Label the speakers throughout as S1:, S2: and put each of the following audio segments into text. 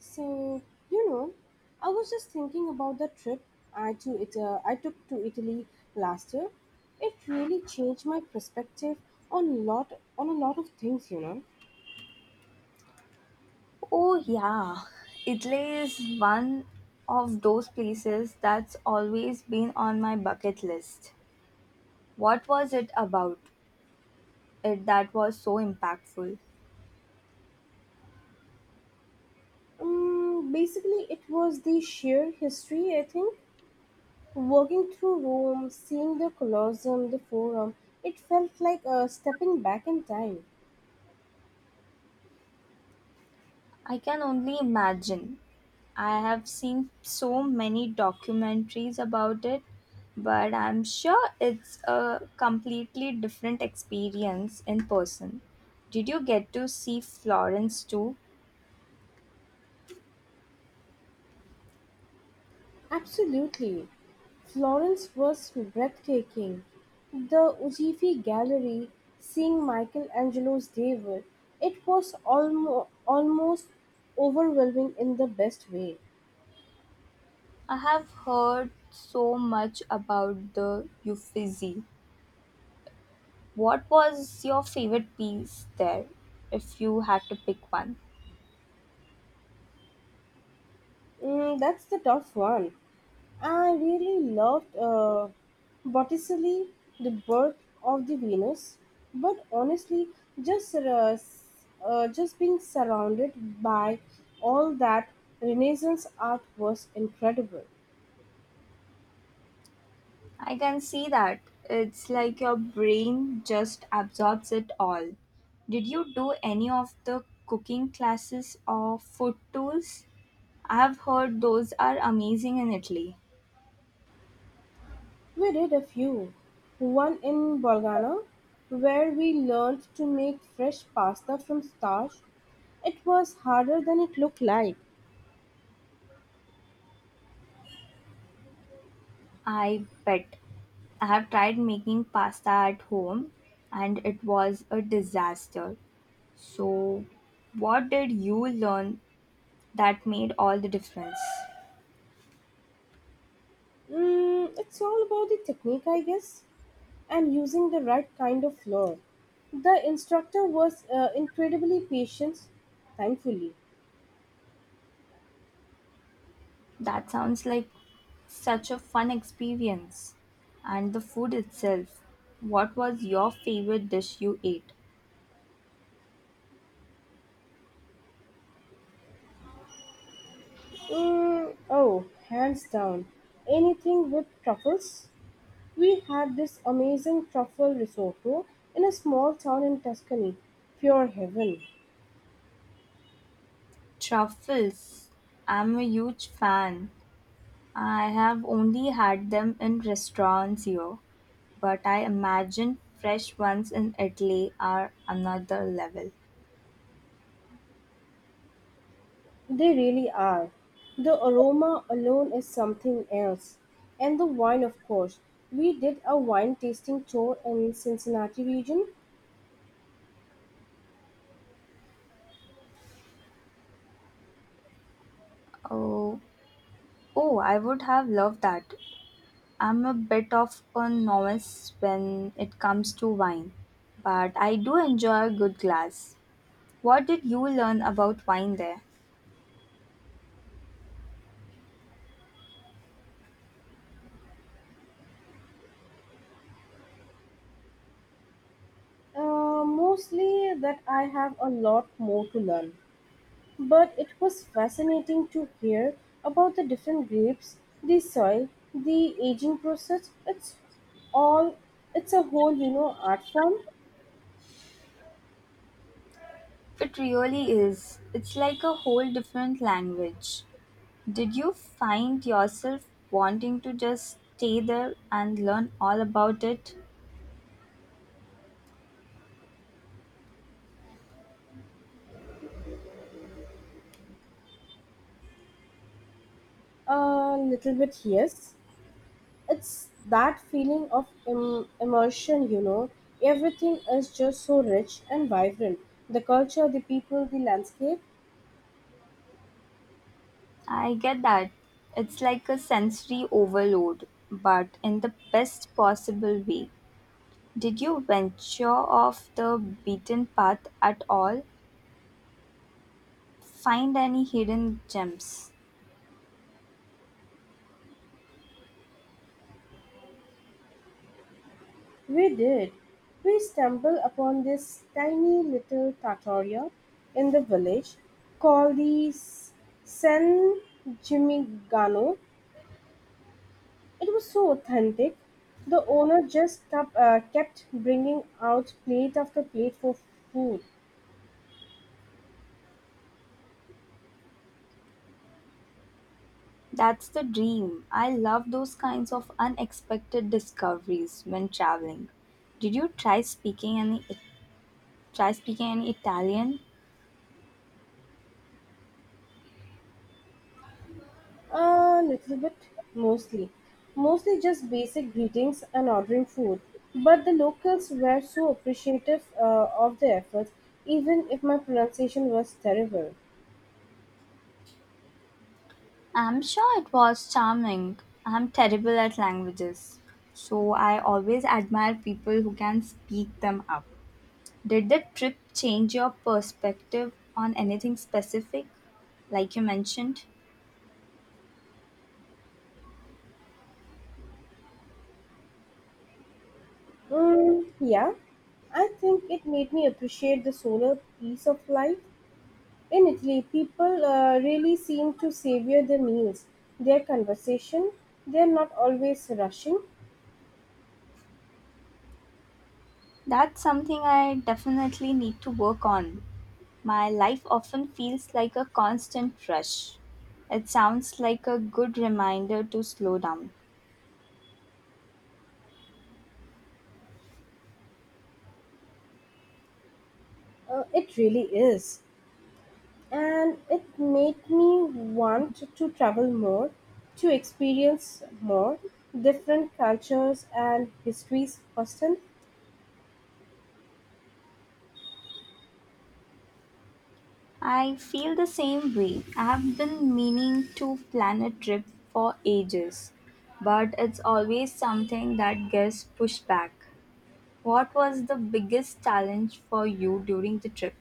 S1: So, you know, I was just thinking about the trip I took to Italy last year. It really changed my perspective on lot on a lot of things, you know.
S2: Oh, yeah. Italy is one of those places that's always been on my bucket list. What was it about it that was so impactful?
S1: Basically, it was the sheer history, I think. Walking through Rome, seeing the Colosseum, the Forum, it felt like stepping back in time.
S2: I can only imagine. I have seen so many documentaries about it, but I'm sure it's a completely different experience in person. Did you get to see Florence too?
S1: Absolutely. Florence was breathtaking. The Uffizi Gallery, seeing Michelangelo's David, it was almost overwhelming in the best way.
S2: I have heard so much about the Uffizi. What was your favorite piece there, if you had to pick one?
S1: Mm, that's the tough one. I really loved Botticelli, The Birth of the Venus, but honestly, just uh, s- just being surrounded by all that Renaissance art was incredible.
S2: I can see that. It's like your brain just absorbs it all. Did you do any of the cooking classes or food tours? I have heard those are amazing in Italy.
S1: We did a few. One in Bologna, where we learned to make fresh pasta from starch. It was harder than it looked like.
S2: I bet. I have tried making pasta at home and it was a disaster. So, what did you learn that made all the difference?
S1: Mm, it's all about the technique, I guess, and using the right kind of flour. The instructor was incredibly patient, thankfully.
S2: That sounds like such a fun experience. And the food itself. What was your favorite dish you ate?
S1: Mm, oh, hands down. Anything with truffles? We had this amazing truffle risotto in a small town in Tuscany. Pure heaven.
S2: Truffles. I'm a huge fan. I have only had them in restaurants here, but I imagine fresh ones in Italy are another level.
S1: They really are. The aroma alone is something else. And the wine, of course. We did a wine tasting tour in Cincinnati region.
S2: Oh, oh, I would have loved that. I'm a bit of a novice when it comes to wine, but I do enjoy a good glass. What did you learn about wine there?
S1: Mostly that I have a lot more to learn. But it was fascinating to hear about the different grapes, the soil, the aging process. All, it's a whole, you know, art form.
S2: It really is. It's like a whole different language. Did you find yourself wanting to just stay there and learn all about it?
S1: A little bit, yes. It's that feeling of immersion, you know. Everything is just so rich and vibrant. The culture, the people, the landscape.
S2: I get that. It's like a sensory overload, but in the best possible way. Did you venture off the beaten path at all? Find any hidden gems.
S1: We did. We stumbled upon this tiny little trattoria in the village called San Gimignano. It was so authentic. The owner just kept bringing out plate after plate for food.
S2: That's the dream. I love those kinds of unexpected discoveries when traveling. Did you try speaking any Italian?
S1: A little bit, mostly. Mostly just basic greetings and ordering food. But the locals were so appreciative of the efforts, even if my pronunciation was terrible.
S2: I'm sure it was charming. I'm terrible at languages. So I always admire people who can speak them up. Did the trip change your perspective on anything specific, like you mentioned?
S1: Mm, yeah, I think it made me appreciate the solar piece of life. In Italy, people really seem to savor their meals, their conversation. They are not always rushing.
S2: That's something I definitely need to work on. My life often feels like a constant rush. It sounds like a good reminder to slow down.
S1: It really is. And it made me want to travel more, to experience more different cultures and histories firsthand.
S2: I feel the same way. I have been meaning to plan a trip for ages, but it's always something that gets pushed back. What was the biggest challenge for you during the trip?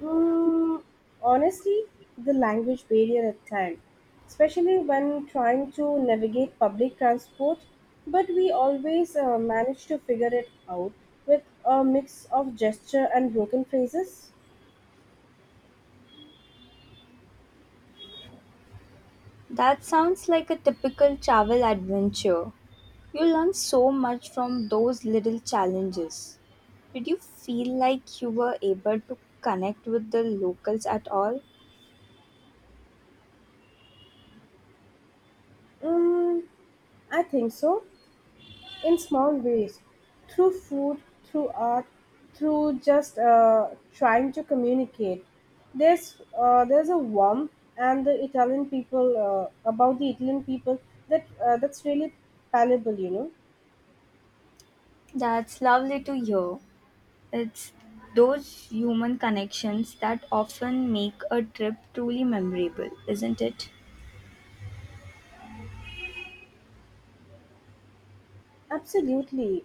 S1: Mm, honestly, the language barrier at time, especially when trying to navigate public transport, but we always manage to figure it out with a mix of gesture and broken phrases.
S2: That sounds like a typical travel adventure. You learn so much from those little challenges. Did you feel like you were able to connect with the locals at all?
S1: Mm, I think so. In small ways through food, through art, through just trying to communicate. There's a warmth and the Italian people about the Italian people that's really palpable, you know.
S2: That's lovely to hear. It's those human connections that often make a trip truly memorable, isn't it?
S1: Absolutely,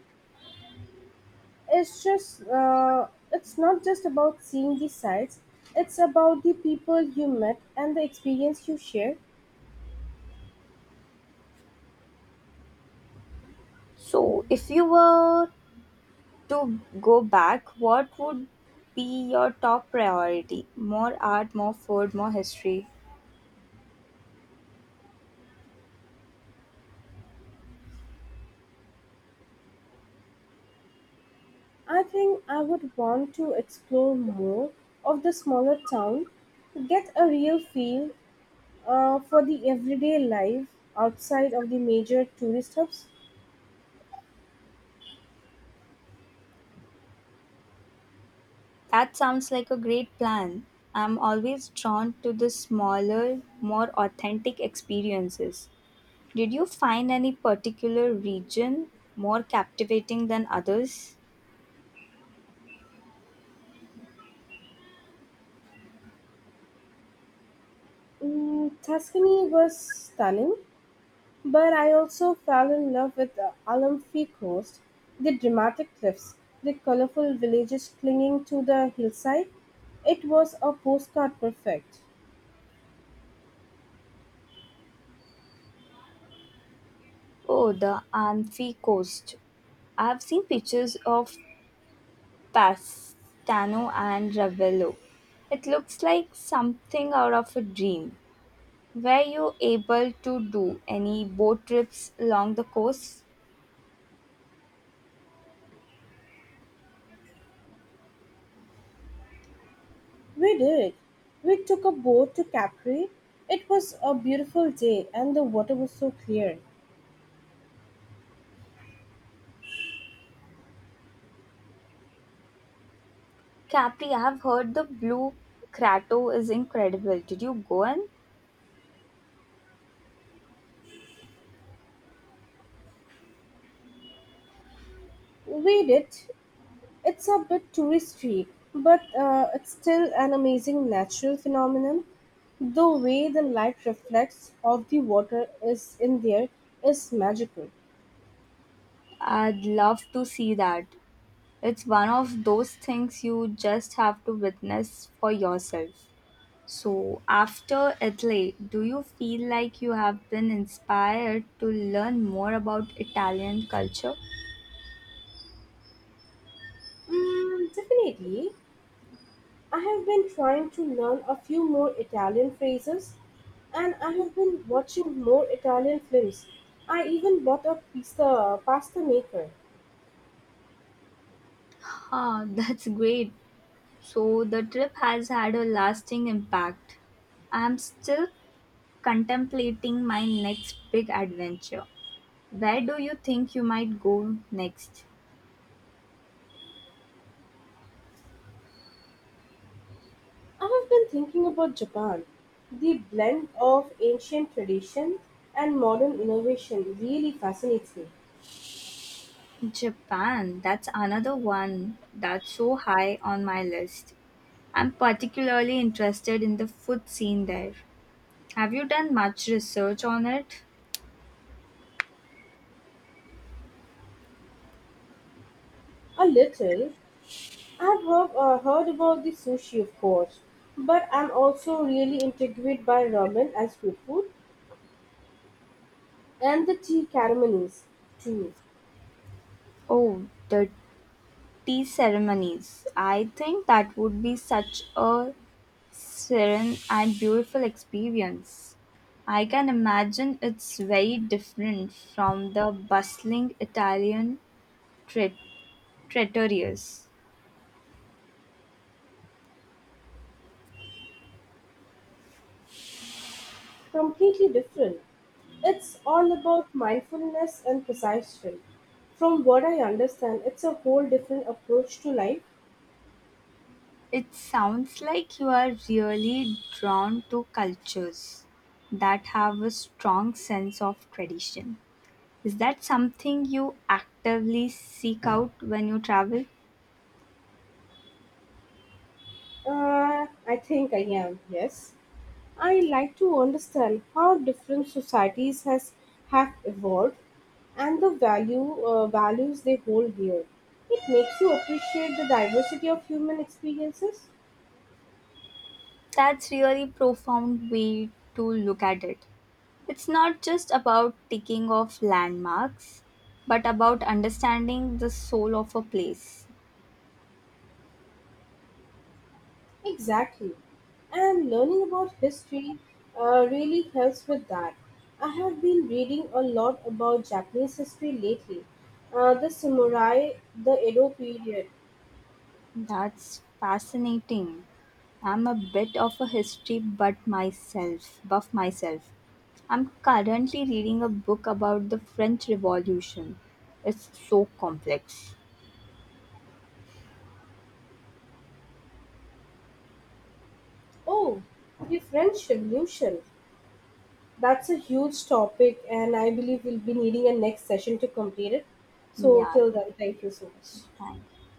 S1: it's not just about seeing the sights. It's about the people you met and the experience you share.
S2: So, if you were to go back, what would be your top priority? More art, more food, more history?
S1: I think I would want to explore more of the smaller town to get a real feel for the everyday life outside of the major tourist hubs.
S2: That sounds like a great plan. I'm always drawn to the smaller, more authentic experiences. Did you find any particular region more captivating than others?
S1: Mm, Tuscany was stunning, but I also fell in love with the Amalfi coast, the dramatic cliffs, the colorful villages clinging to the hillside. It was a postcard perfect.
S2: Oh, the Amphi Coast. I've seen pictures of Pastano and Ravello. It looks like something out of a dream. Were you able to do any boat trips along the coast?
S1: We did. We took a boat to Capri. It was a beautiful day and the water was so clear.
S2: Capri, I've heard the Blue Crato is incredible. Did you go in?
S1: We did. It's a bit touristy, but it's still an amazing natural phenomenon. The way the light reflects off the water is in there is magical.
S2: I'd love to see that. It's one of those things you just have to witness for yourself. So, after Italy, do you feel like you have been inspired to learn more about Italian culture?
S1: Mm, definitely. I have been trying to learn a few more Italian phrases, and I have been watching more Italian films. I even bought a pizza pasta maker.
S2: Ah, that's great. So, the trip has had a lasting impact. I'm still contemplating my next big adventure. Where do you think you might go next?
S1: I have been thinking about Japan. The blend of ancient tradition and modern innovation really fascinates me.
S2: Japan, that's another one that's so high on my list. I'm particularly interested in the food scene there. Have you done much research on it?
S1: A little, I have heard about the sushi, of course, but I'm also really intrigued by ramen as food and the tea ceremonies too.
S2: Oh, the tea ceremonies. I think that would be such a serene and beautiful experience. I can imagine it's very different from the bustling Italian trat- trattorias.
S1: Completely different. It's all about mindfulness and precision. From what I understand, it's a whole different approach to life.
S2: It sounds like you are really drawn to cultures that have a strong sense of tradition. Is that something you actively seek out when you travel?
S1: I think I am, yes. I like to understand how different societies has have evolved and the value values they hold dear. It makes you appreciate the diversity of human experiences.
S2: That's really profound way to look at it. It's not just about ticking off landmarks, but about understanding the soul of a place.
S1: Exactly. And learning about history really helps with that. I have been reading a lot about Japanese history lately. The samurai, the Edo period.
S2: That's fascinating. I'm a bit of a history buff myself. I'm currently reading a book about the French Revolution. It's so complex.
S1: Oh, the French Revolution. That's a huge topic, and I believe we'll be needing a next session to complete it. So,
S2: Yeah,
S1: till then, thank you so much.
S2: thank